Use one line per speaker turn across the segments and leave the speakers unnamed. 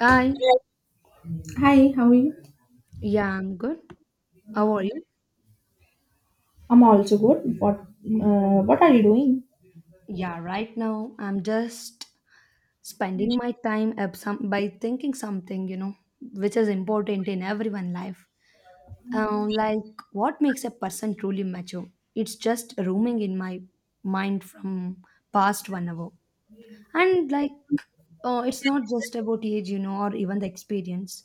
Hi.
Hi, how are you?
Yeah, I'm good. How are you?
I'm also good. What are you doing?
Yeah, right now I'm just spending my time some by thinking something, which is important in everyone's life. Like what makes a person truly mature? It's just roaming in my mind from past 1 hour. And like it's not just about age, or even the experience.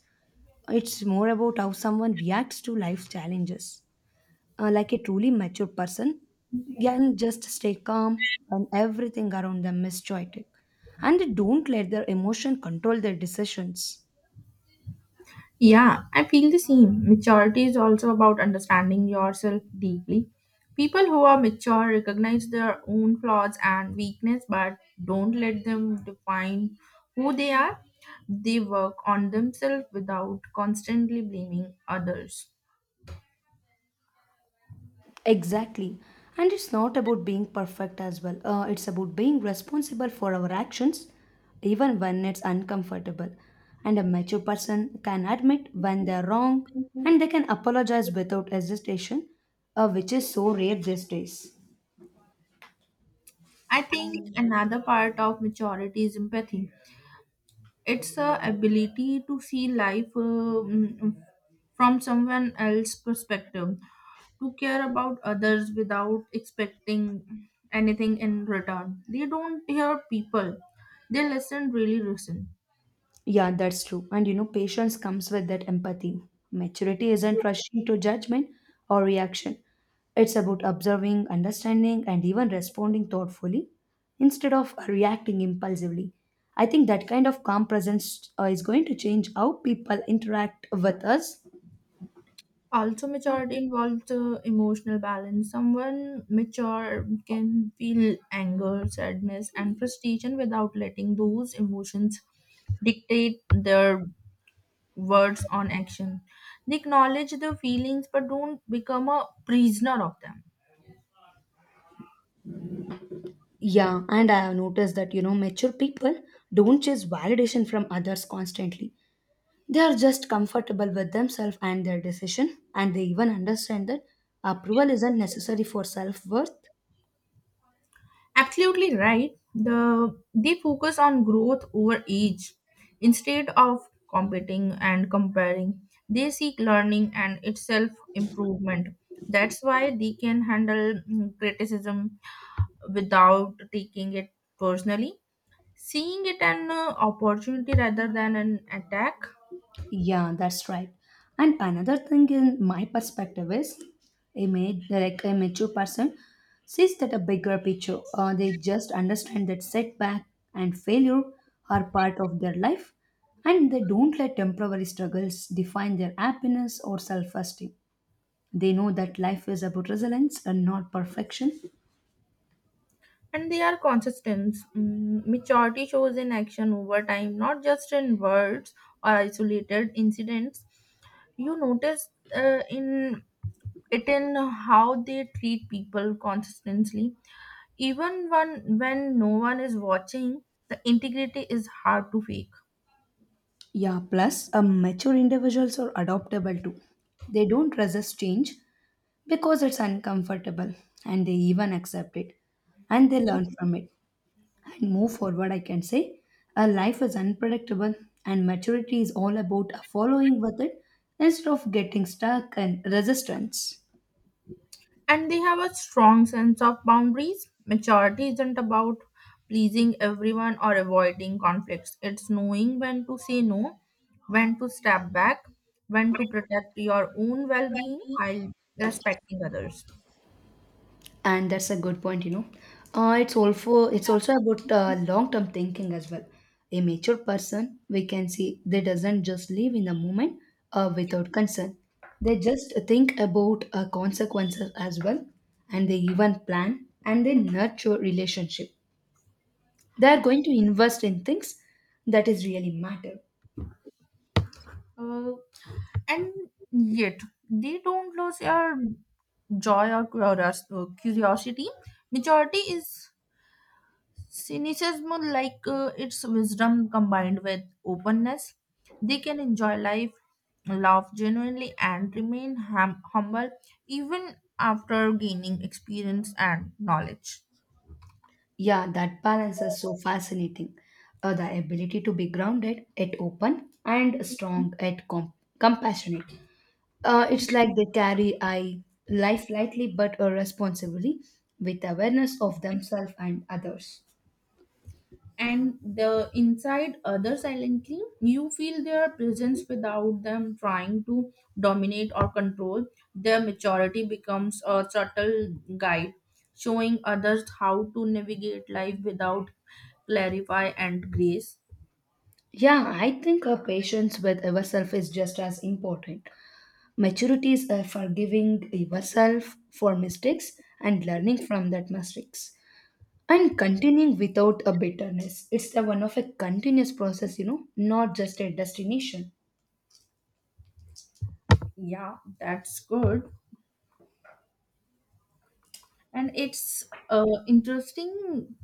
It's more about how someone reacts to life challenges, like a truly mature person can just stay calm when everything around them is chaotic, and they don't let their emotion control their decisions.
Yeah, I feel the same. Maturity is also about understanding yourself deeply. People who are mature recognize their own flaws and weakness but don't let them define who they are. They work on themselves without constantly blaming others.
Exactly. And it's not about being perfect as well. It's about being responsible for our actions even when it's uncomfortable. And a mature person can admit when they're wrong, and they can apologize without hesitation, which is so rare these days.
I think another part of maturity is empathy. It's the ability to see life from someone else's perspective, to care about others without expecting anything in return. They don't hear people, they listen, really listen.
Yeah, that's true. And patience comes with that empathy. Maturity isn't rushing to judgment or reaction. It's about observing, understanding, and even responding thoughtfully instead of reacting impulsively. I think that kind of calm presence is going to change how people interact with us.
Also, maturity involves emotional balance. Someone mature can feel anger, sadness, and frustration without letting those emotions dictate their words on action. They acknowledge the feelings but don't become a prisoner of them.
Yeah, and I have noticed that, mature people don't chase validation from others constantly. They are just comfortable with themselves and their decision, and they even understand that approval isn't necessary for self worth.
Absolutely right. They focus on growth over age instead of competing and comparing. They seek learning and itself improvement. That's why they can handle criticism without taking it personally. Seeing it an opportunity rather than an attack.
Yeah, that's right. And another thing in my perspective is like a mature person sees that a bigger picture, or they just understand that setback and failure are part of their life, and they don't let temporary struggles define their happiness or self-esteem. They know that life is about resilience and not perfection.
And they are consistent. Maturity shows in action over time, not just in words or isolated incidents. You notice in it in how they treat people consistently, even when no one is watching. The integrity is hard to fake.
Yeah, plus mature individuals are adaptable too. They don't resist change because it's uncomfortable, and they even accept it, and they learn from it, and move forward. I can say a life is unpredictable, and maturity is all about following with it instead of getting stuck and resistance.
And they have a strong sense of boundaries. Maturity isn't about pleasing everyone or avoiding conflicts, it's knowing when to say no, when to step back, when to protect your own well being while respecting others.
And that's a good point, it's also about long-term thinking as well. A mature person, we can see they doesn't just live in the moment without concern. They just think about consequences as well, and they even plan and they nurture relationship. They are going to invest in things that is really matter.
Uh, and yet, they don't lose your joy or curiosity. Maturity is cynicism, like its wisdom combined with openness, they can enjoy life, laugh genuinely, and remain humble even after gaining experience and knowledge.
Yeah, that balance is so fascinating. The ability to be grounded yet open, and strong yet compassionate. It's like they carry I life lightly but responsibly, with awareness of themselves and others.
And the inside other silently, you feel their presence without them trying to dominate or control. Their maturity becomes a subtle guide, showing others how to navigate life without clarify and grace.
Yeah, I think a patience with yourself is just as important. Maturity is forgiving yourself for mistakes and learning from that mistakes and continuing without a bitterness. It's a one of a continuous process, not just a destination.
Yeah, that's good. And it's interesting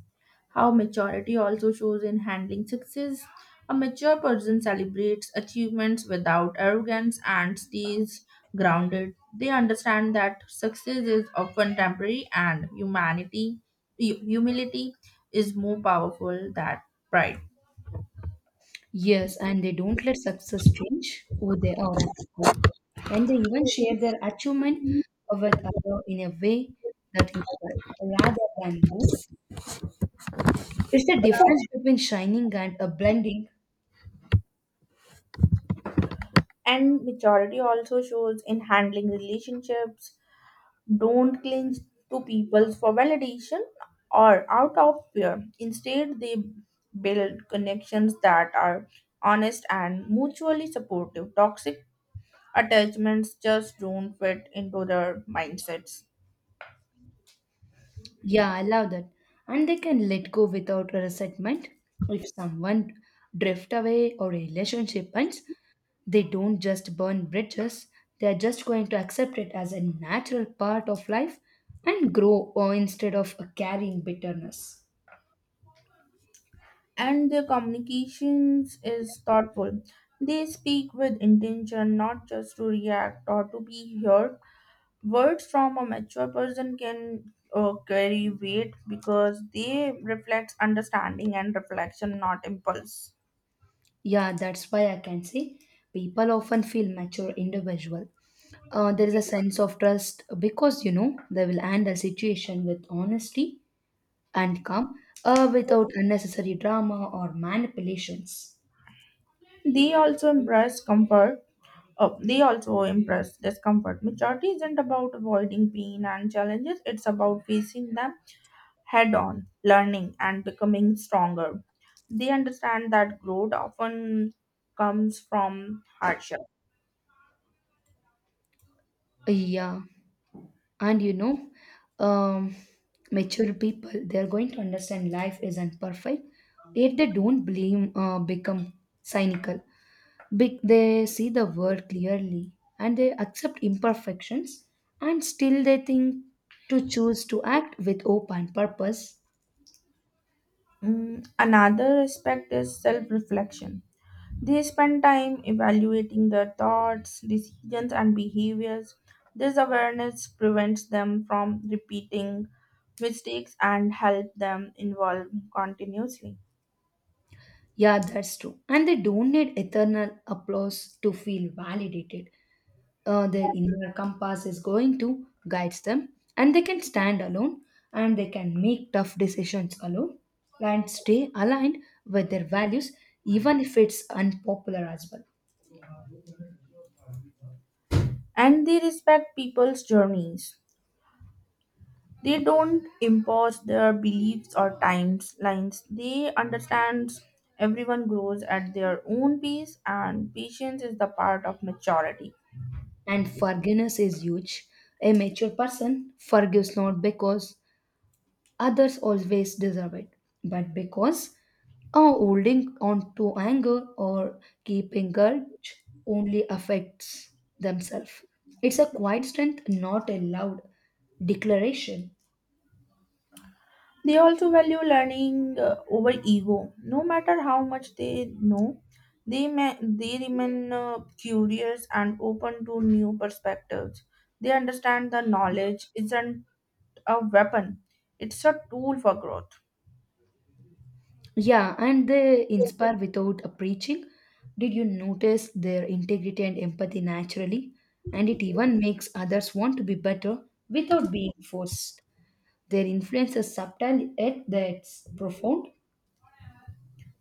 how maturity also shows in handling success. A mature person celebrates achievements without arrogance and stays grounded. They understand that success is often temporary and humanity, humility is more powerful than pride.
Yes, and they don't let success change who they are at the core. And they even share their achievement with others in a way that inspires rather than boosts. It's the difference between shining and a blending.
And maturity also shows in handling relationships don't cling to people for validation or out of fear. Instead, they build connections that are honest and mutually supportive. Toxic attachments just don't fit into their mindsets.
Yeah, I love that. And they can let go without resentment. If someone drift away or a relationship ends, they don't just burn bridges. They are just going to accept it as a natural part of life and grow, or instead of carrying bitterness.
And their communications is thoughtful. They speak with intention, not just to react or to be heard words from a mature person can carry weight because they reflect understanding and reflection not impulse.
Yeah, that's why I can say people often feel mature individual. There is a sense of trust because they will handle situation with honesty and calm, without unnecessary drama or manipulations.
They also embrace comfort, they also embrace discomfort. Maturity isn't about avoiding pain and challenges, it's about facing them head on, learning and becoming stronger. They understand that growth often comes from hardship.
Yeah, and um, mature people, they're going to understand life isn't perfect, yet they don't blame become cynical. They see the world clearly and they accept imperfections, and still they think to choose to act with hope and purpose.
Another aspect is self reflection. They spend time evaluating their thoughts, decisions, and behaviors. This awareness prevents them from repeating mistakes and help them evolve continuously.
Yeah, that's true. And they don't need eternal applause to feel validated. Their inner compass is going to guide them, and they can stand alone and they can make tough decisions alone and stay aligned with their values, even if it's unpopular as well.
And they respect people's journeys. They don't impose their beliefs or timelines. They understand everyone grows at their own pace, and patience is the part of maturity.
And forgiveness is huge. A mature person forgives not because others always deserve it. But because holding on to anger or keeping grudge only affects themselves. It's a quiet strength, not a loud declaration.
They also value learning over ego. No matter how much they know, they remain curious and open to new perspectives. They understand the knowledge isn't a weapon; it's a tool for growth.
Yeah, and they inspire without a preaching. Did you notice their integrity and empathy naturally? And it even makes others want to be better without being forced. Their influence is subtle yet that's profound.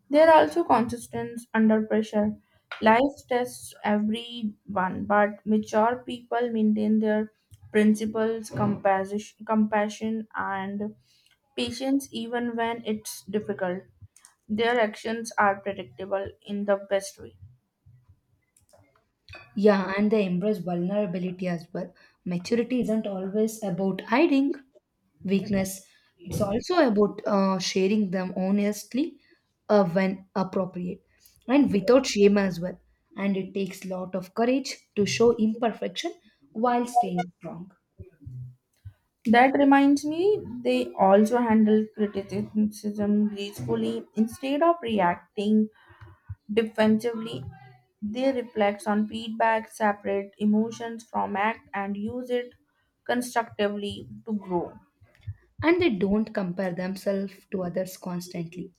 They are also consistent under pressure. Life tests everyone, but mature people maintain their principles, compassion, and patience even when it's difficult. Their actions are predictable in the best way.
Yeah, and they embrace vulnerability as well. Maturity isn't always about hiding weakness. It's also about sharing them honestly when appropriate and without shame as well. And it takes a lot of courage to show imperfection while staying strong.
That reminds me, they also handle criticism gracefully. Instead of reacting defensively, they reflect on feedback, separate emotions from act, and use it constructively to grow.
And they don't compare themselves to others constantly.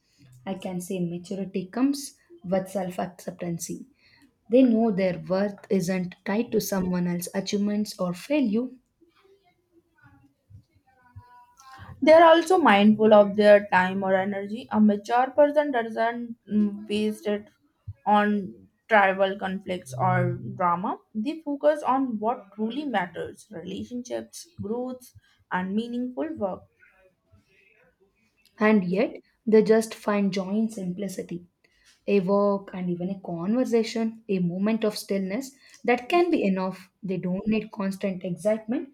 I can say maturity comes with self acceptance. They know their worth isn't tied to someone else's achievements or failure,
They are also mindful of their time or energy. A mature person doesn't waste it on tribal conflicts or drama. They focus on what truly matters relationships, growth, and meaningful work.
and yet they just find joy in simplicity. A walk and even a conversation, a moment of stillness, that can be enough. They don't need constant excitement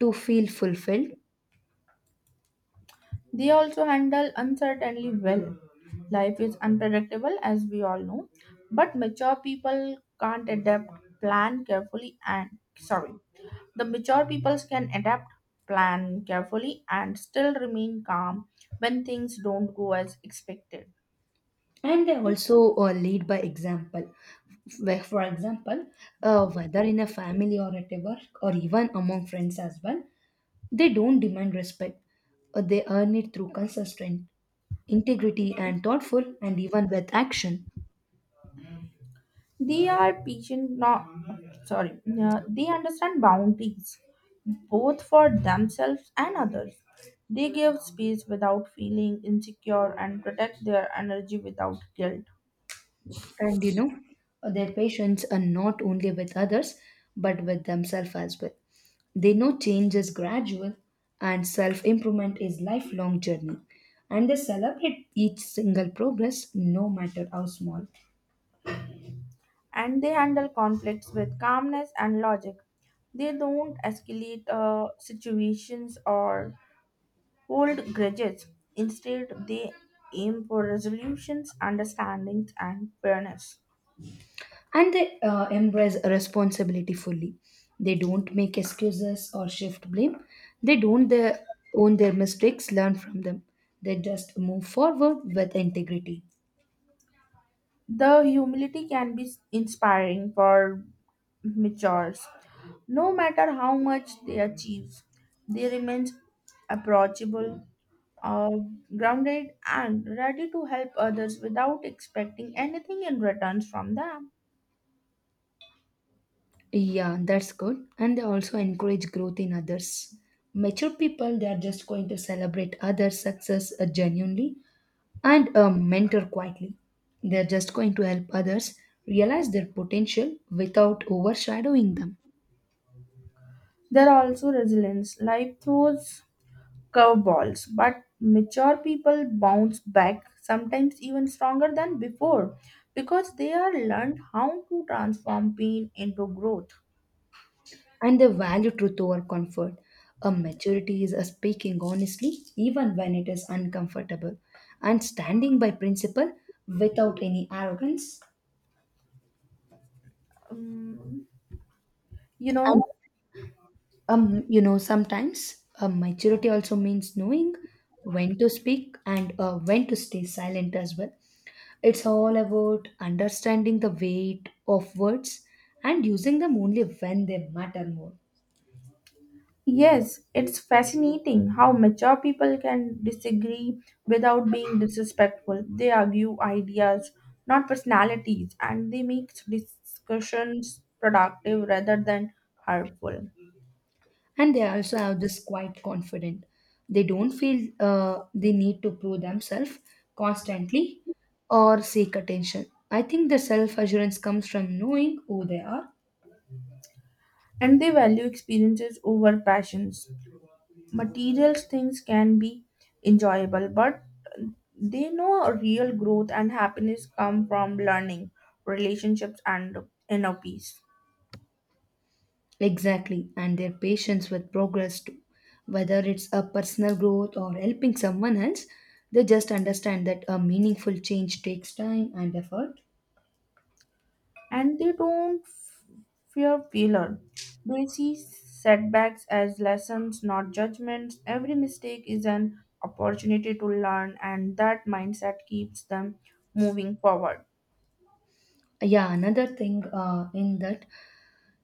to feel fulfilled,
They also handle uncertainty well. Life is unpredictable, as we all know, but mature people can't adapt, plan carefully, and sorry. The mature people can adapt, plan carefully, and still remain calm when things don't go as expected.
and they also lead by example. Where, for example, whether in a family or at a work or even among friends as well, they don't demand respect. They earn it through consistent integrity and thoughtful and even with action.
They are patient, not sorry, they understand boundaries both for themselves and others. They give space without feeling insecure and protect their energy without guilt.
And their patients are not only with others but with themselves as well. They know change is gradual and self improvement is lifelong journey, and they celebrate each single progress no matter how small.
And they handle conflicts with calmness and logic. They don't escalate situations or hold grudges. Instead, they aim for resolutions, understandings, and fairness.
And they embrace responsibility fully. They don't make excuses or shift blame. They don't their, own their mistakes learn from them. They just move forward with integrity.
The humility can be inspiring for matures. No matter how much they achieve, they remain approachable, uh, grounded, and ready to help others without expecting anything in return from them.
Yeah, that's good. And they also encourage growth in others. Mature people, they are just going to celebrate others' success genuinely and mentor quietly. They're just going to help others realize their potential without overshadowing them.
There are also resilience. Life throws curveballs, but mature people bounce back, sometimes even stronger than before, because they are learned how to transform pain into growth.
And they value truth over comfort. A maturity is a speaking honestly, even when it is uncomfortable, and standing by principle without any arrogance.
Um, you know,
Sometimes, maturity also means knowing when to speak and when to stay silent as well. It's all about understanding the weight of words and using them only when they matter more.
yes, it's fascinating how mature people can disagree without being disrespectful. They argue ideas, not personalities, and they make discussions productive rather than hurtful.
And they also have this quite confident. They don't feel they need to prove themselves constantly or seek attention. I think the self assurance comes from knowing who they are.
And they value experiences over passions, material things can be enjoyable but they know real growth and happiness come from learning, relationships and inner peace.
Exactly, and their patience with progress too. Whether it's a personal growth or helping someone else, they just understand that a meaningful change takes time and effort.
And they don't fear failure. They see setbacks as lessons not judgments, every mistake is an opportunity to learn and that mindset keeps them moving forward.
Yeah, another thing in that,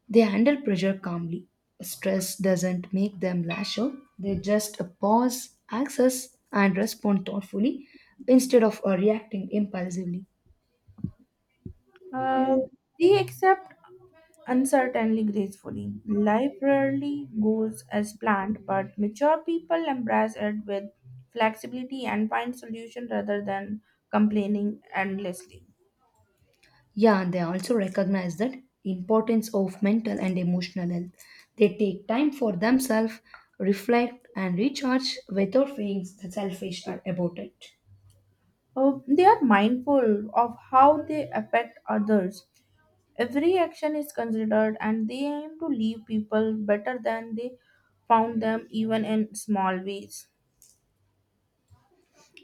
they handle pressure calmly. Stress doesn't make them lash out. They just pause, access, and respond thoughtfully instead of reacting impulsively.
Uh, they accept uncertainly gracefully. Life rarely goes as planned, but mature people embrace it with flexibility and find solution rather than complaining endlessly.
Yeah, and they also recognize that importance of mental and emotional health. They take time for themselves, reflect and recharge without feeling selfish or about it.
Oh, they are mindful of how they affect others. Every action is considered and they aim to leave people better than they found them even in small ways.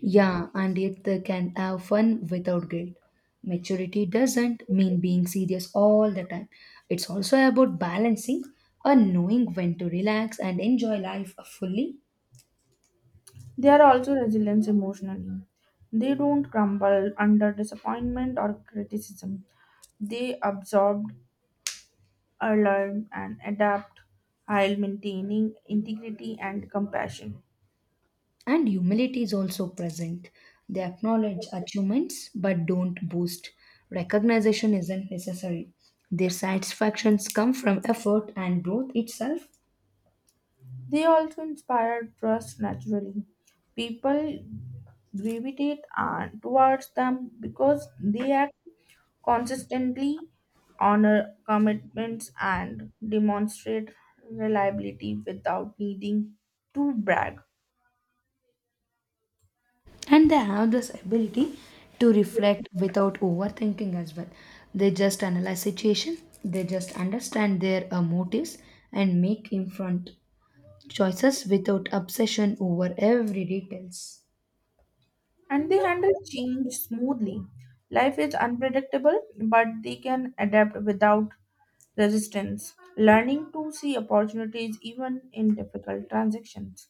Yeah, and yet they can have fun without guilt. Maturity doesn't mean being serious all the time. It's also about balancing and knowing when to relax and enjoy life fully.
They are also resilient emotionally. They don't crumble under disappointment or criticism. They absorb, learn, and adapt while maintaining integrity and compassion.
And humility is also present. They acknowledge achievements but don't boast. Recognition isn't necessary. Their satisfactions come from effort and growth itself,
They also inspire trust naturally. People gravitate towards them because they act consistently, honor commitments, and demonstrate reliability without needing to brag.
and they have this ability to reflect without overthinking as well. They just analyze situation, they just understand their motives and make informed choices without obsession over every details.
And they handle change smoothly. Life is unpredictable, but they can adapt without resistance, learning to see opportunities even in difficult transactions.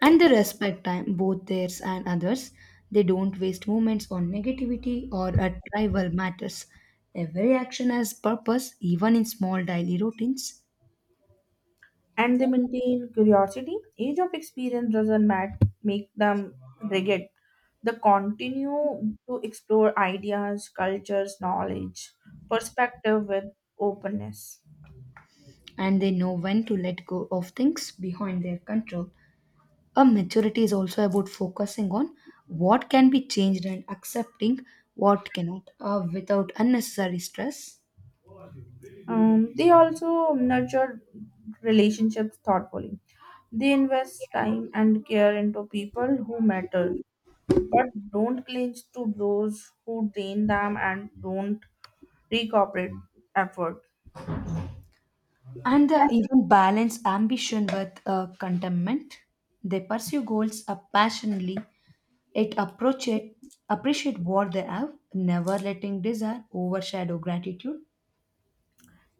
And they respect time, both theirs and others. They don't waste moments on negativity or at tribal matters. Every action has purpose, even in small daily routines.
And they maintain curiosity. Age of experience doesn't make them rigid. They continue to explore ideas, cultures, knowledge, perspective with openness.
And they know when to let go of things behind their control. A maturity is also about focusing on what can be changed and accepting what cannot, without unnecessary stress.
They also nurture relationships thoughtfully. They invest time and care into people who matter, but don't cling to those who drain them and don't recuperate effort.
And the
And
even balance ambition with contentment. They pursue goals up passionately, it approach it, appreciate what they have, never letting desire overshadow gratitude.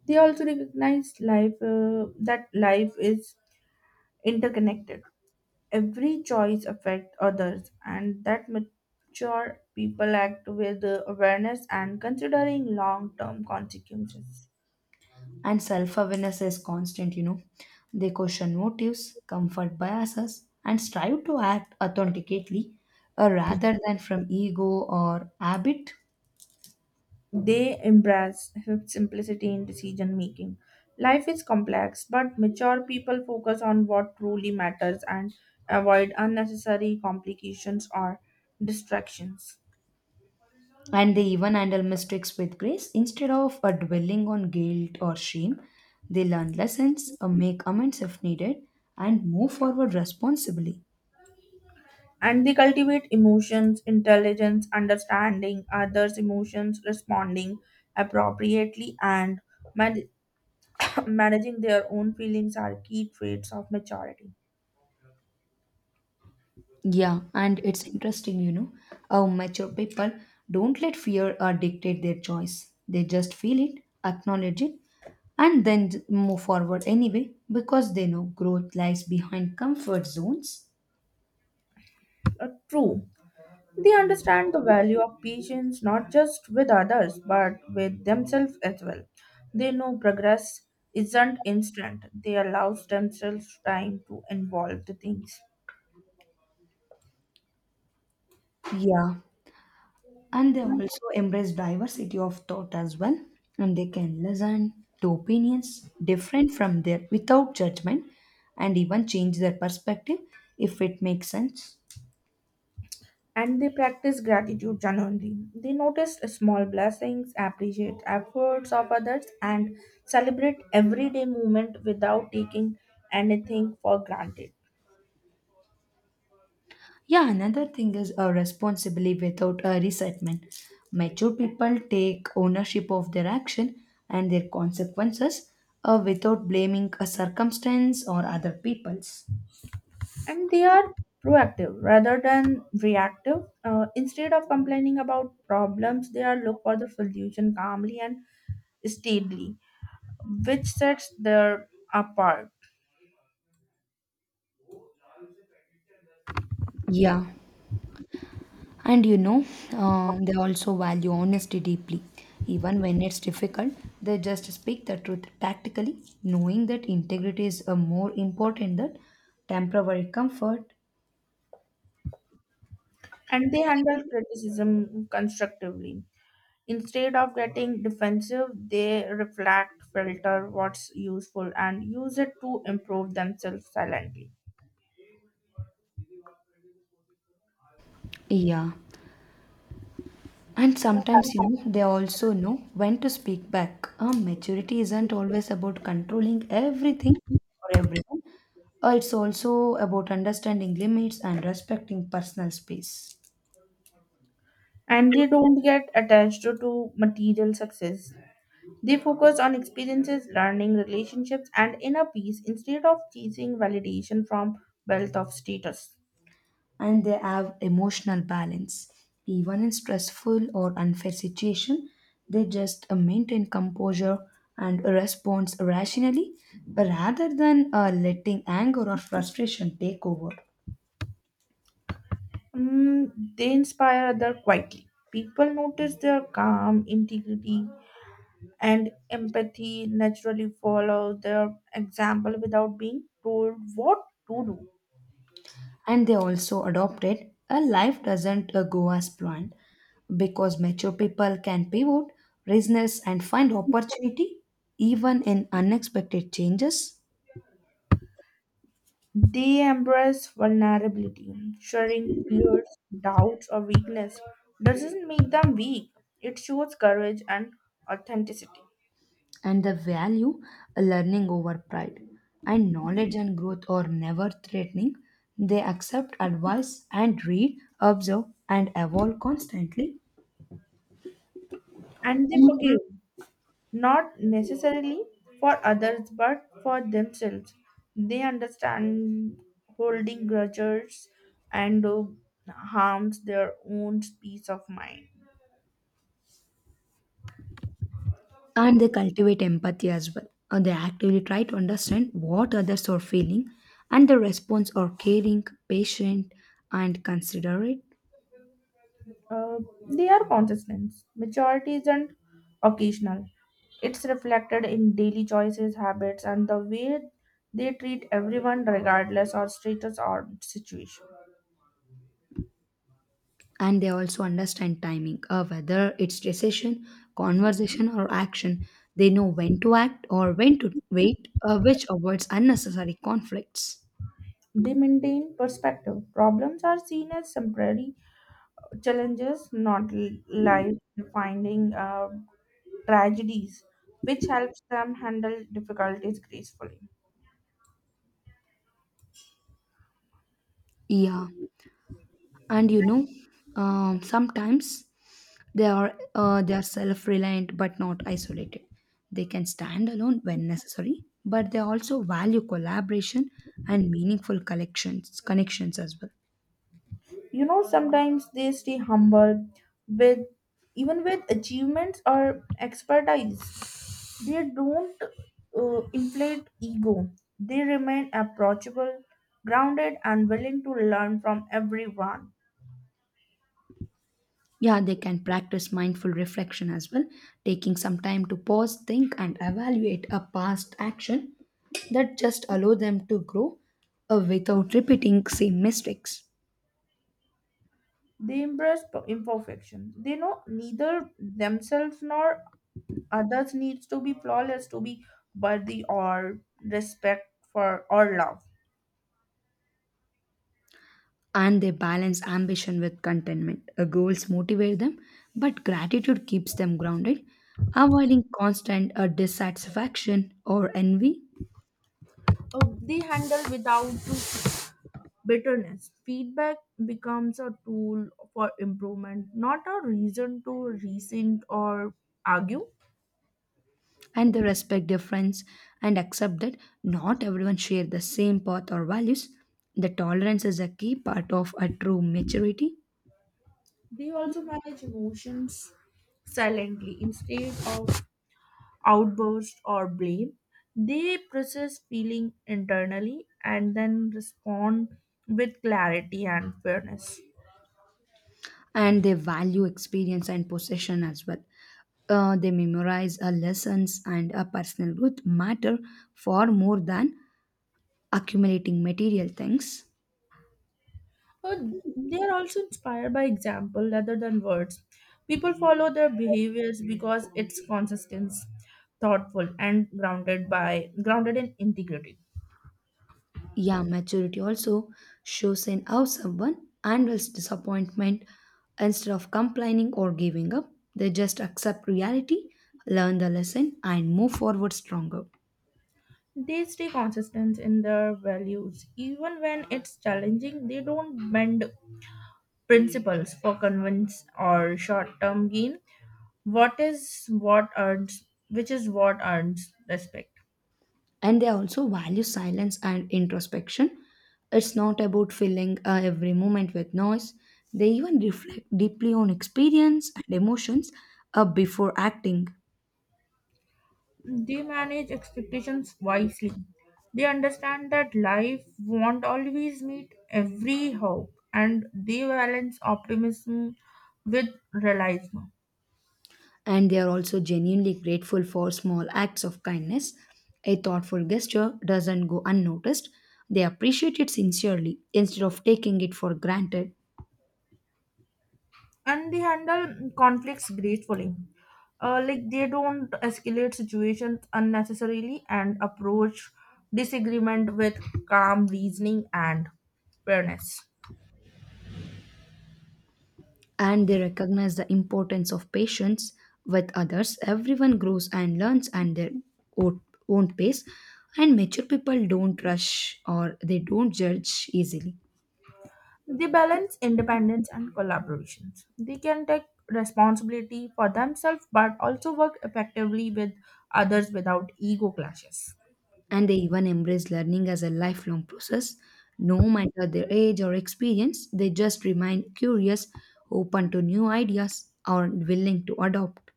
they also recognize life that life is interconnected. Every choice affects others, and that mature people act with awareness and considering long-term consequences.
And self awareness is constant, They question motives, comfort biases, and strive to act authentically rather than from ego or habit.
They embrace simplicity in decision making. Life is complex, but mature people focus on what truly matters and avoid unnecessary complications or distractions.
And they even handle mistakes with grace instead of dwelling on guilt or shame. They learn lessons, make amends if needed, and move forward responsibly.
And they cultivate emotions, intelligence, understanding others' emotions, responding appropriately, and man- managing their own feelings are key traits of maturity.
Yeah, and it's interesting, how mature people don't let fear dictate their choice. They just feel it, acknowledge it, and then move forward anyway because they know growth lies behind comfort zones.
True, they understand the value of patience not just with others but with themselves as well. They know progress isn't instant. They allow themselves time to evolve the things.
Yeah, and they also embrace diversity of thought as well, and they can listen to opinions different from their without judgment and even change their perspective if it makes sense.
And they practice gratitude genuinely. They notice small blessings, appreciate efforts of others, and celebrate everyday moment without taking anything for granted.
Yeah, another thing is a responsibility without a resentment. Mature people take ownership of their action and their consequences, without blaming a circumstance or other peoples.
And they are proactive rather than reactive. Instead of complaining about problems, they are look for the solution calmly and steadily, which sets their apart.
Yeah. And they also value honesty deeply. Even when it's difficult, they just speak the truth tactically, knowing that integrity is more important than temporary comfort.
And they handle criticism constructively. Instead of getting defensive, they reflect, filter what's useful, and use it to improve themselves silently.
Yeah. And sometimes, they also know when to speak back. Maturity isn't always about controlling everything or everyone. It's also about understanding limits and respecting personal space.
And they don't get attached to material success. They focus on experiences, learning, relationships, and inner peace instead of chasing validation from wealth of status.
And they have emotional balance. Even in stressful or unfair situation, they just maintain composure and respond rationally rather than letting anger or frustration take over.
Mm, they inspire others quietly. People notice their calm, integrity, and empathy naturally follow their example without being told what to do.
And they also adopted a life doesn't go as planned because mature people can pivot, business, and find opportunity even in unexpected changes.
They embrace vulnerability, sharing fears, doubts, or weakness doesn't make them weak. It shows courage and authenticity.
And the value learning over pride, and knowledge and growth are never threatening. They accept advice and read, observe and evolve constantly.
And they forgive not necessarily for others but for themselves. They understand holding grudges and harms their own peace of mind.
And they cultivate empathy as well, and they actively try to understand what others are feeling, and the response are caring, patient, and considerate.
Uh, they are consistent, maturity isn't occasional, it's reflected in daily choices, habits and the way they treat everyone regardless of status or situation.
And they also understand timing, whether it's decision, conversation or action. They know when to act or when to wait, which avoids unnecessary conflicts.
They maintain perspective, problems are seen as temporary challenges, not life defining tragedies, which helps them handle difficulties gracefully.
Yeah, and sometimes, they are self-reliant but not isolated. They can stand alone when necessary but they also value collaboration and meaningful collections connections as well.
You know, sometimes they stay humble with, even with achievements or expertise. They don't inflate ego. They remain approachable, grounded, and willing to learn from everyone.
Yeah, they can practice mindful reflection as well, taking some time to pause, think, and evaluate a past action that just allow them to grow without repeating same mistakes.
They embrace imperfection. They know neither themselves nor others needs to be flawless to be worthy or respect for or love.
And they balance ambition with contentment. Goals motivate them, but gratitude keeps them grounded, avoiding constant dissatisfaction or envy.
They handle without bitterness. Feedback becomes a tool for improvement, not a reason to resent or argue.
And they respect difference and accept that not everyone share the same path or values. The tolerance is a key part of a true maturity.
They also manage emotions silently instead of outburst or blame. They process feeling internally and then respond with clarity and fairness.
And they value experience and possession as well. They memorize lessons, and a personal growth matter far more than accumulating material things.
Uh, They are also inspired by example rather than words. People follow their behaviors because it's consistent, thoughtful, and grounded in integrity.
Yeah, maturity also shows in how someone handles disappointment instead of complaining or giving up. They just accept reality, learn the lesson, and move forward stronger.
They stay consistent in their values even when it's challenging. They don't bend principles for convenience or short-term gain. What is what earns, which is what earns respect.
And they also value silence and introspection. It's not about filling every moment with noise. They even reflect deeply on experience and emotions before acting.
They manage expectations wisely. They understand that life won't always meet every hope, and they balance optimism with realism.
And they are also genuinely grateful for small acts of kindness. A thoughtful gesture doesn't go unnoticed. They appreciate it sincerely instead of taking it for granted.
And they handle conflicts gracefully. They don't escalate situations unnecessarily and approach disagreement with calm reasoning and fairness.
And they recognize the importance of patience with others. Everyone grows and learns at their own own pace, and mature people don't rush or they don't judge easily.
They balance independence and collaborations. They can take responsibility for themselves but also work effectively with others without ego clashes.
And they even embrace learning as a lifelong process. No matter their age or experience, they just remain curious, open to new ideas, or willing to adopt.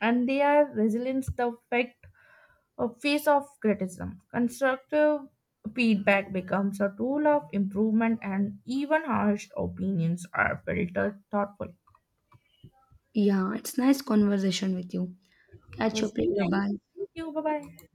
And they are resilient the fact of face of criticism. Constructive feedback becomes a tool of improvement and even harsh opinions are filtered thoughtfully.
Yeah, it's nice conversation with you.
It
Catch
was
up
really
later.
nice.
Bye.
Thank you. Bye bye.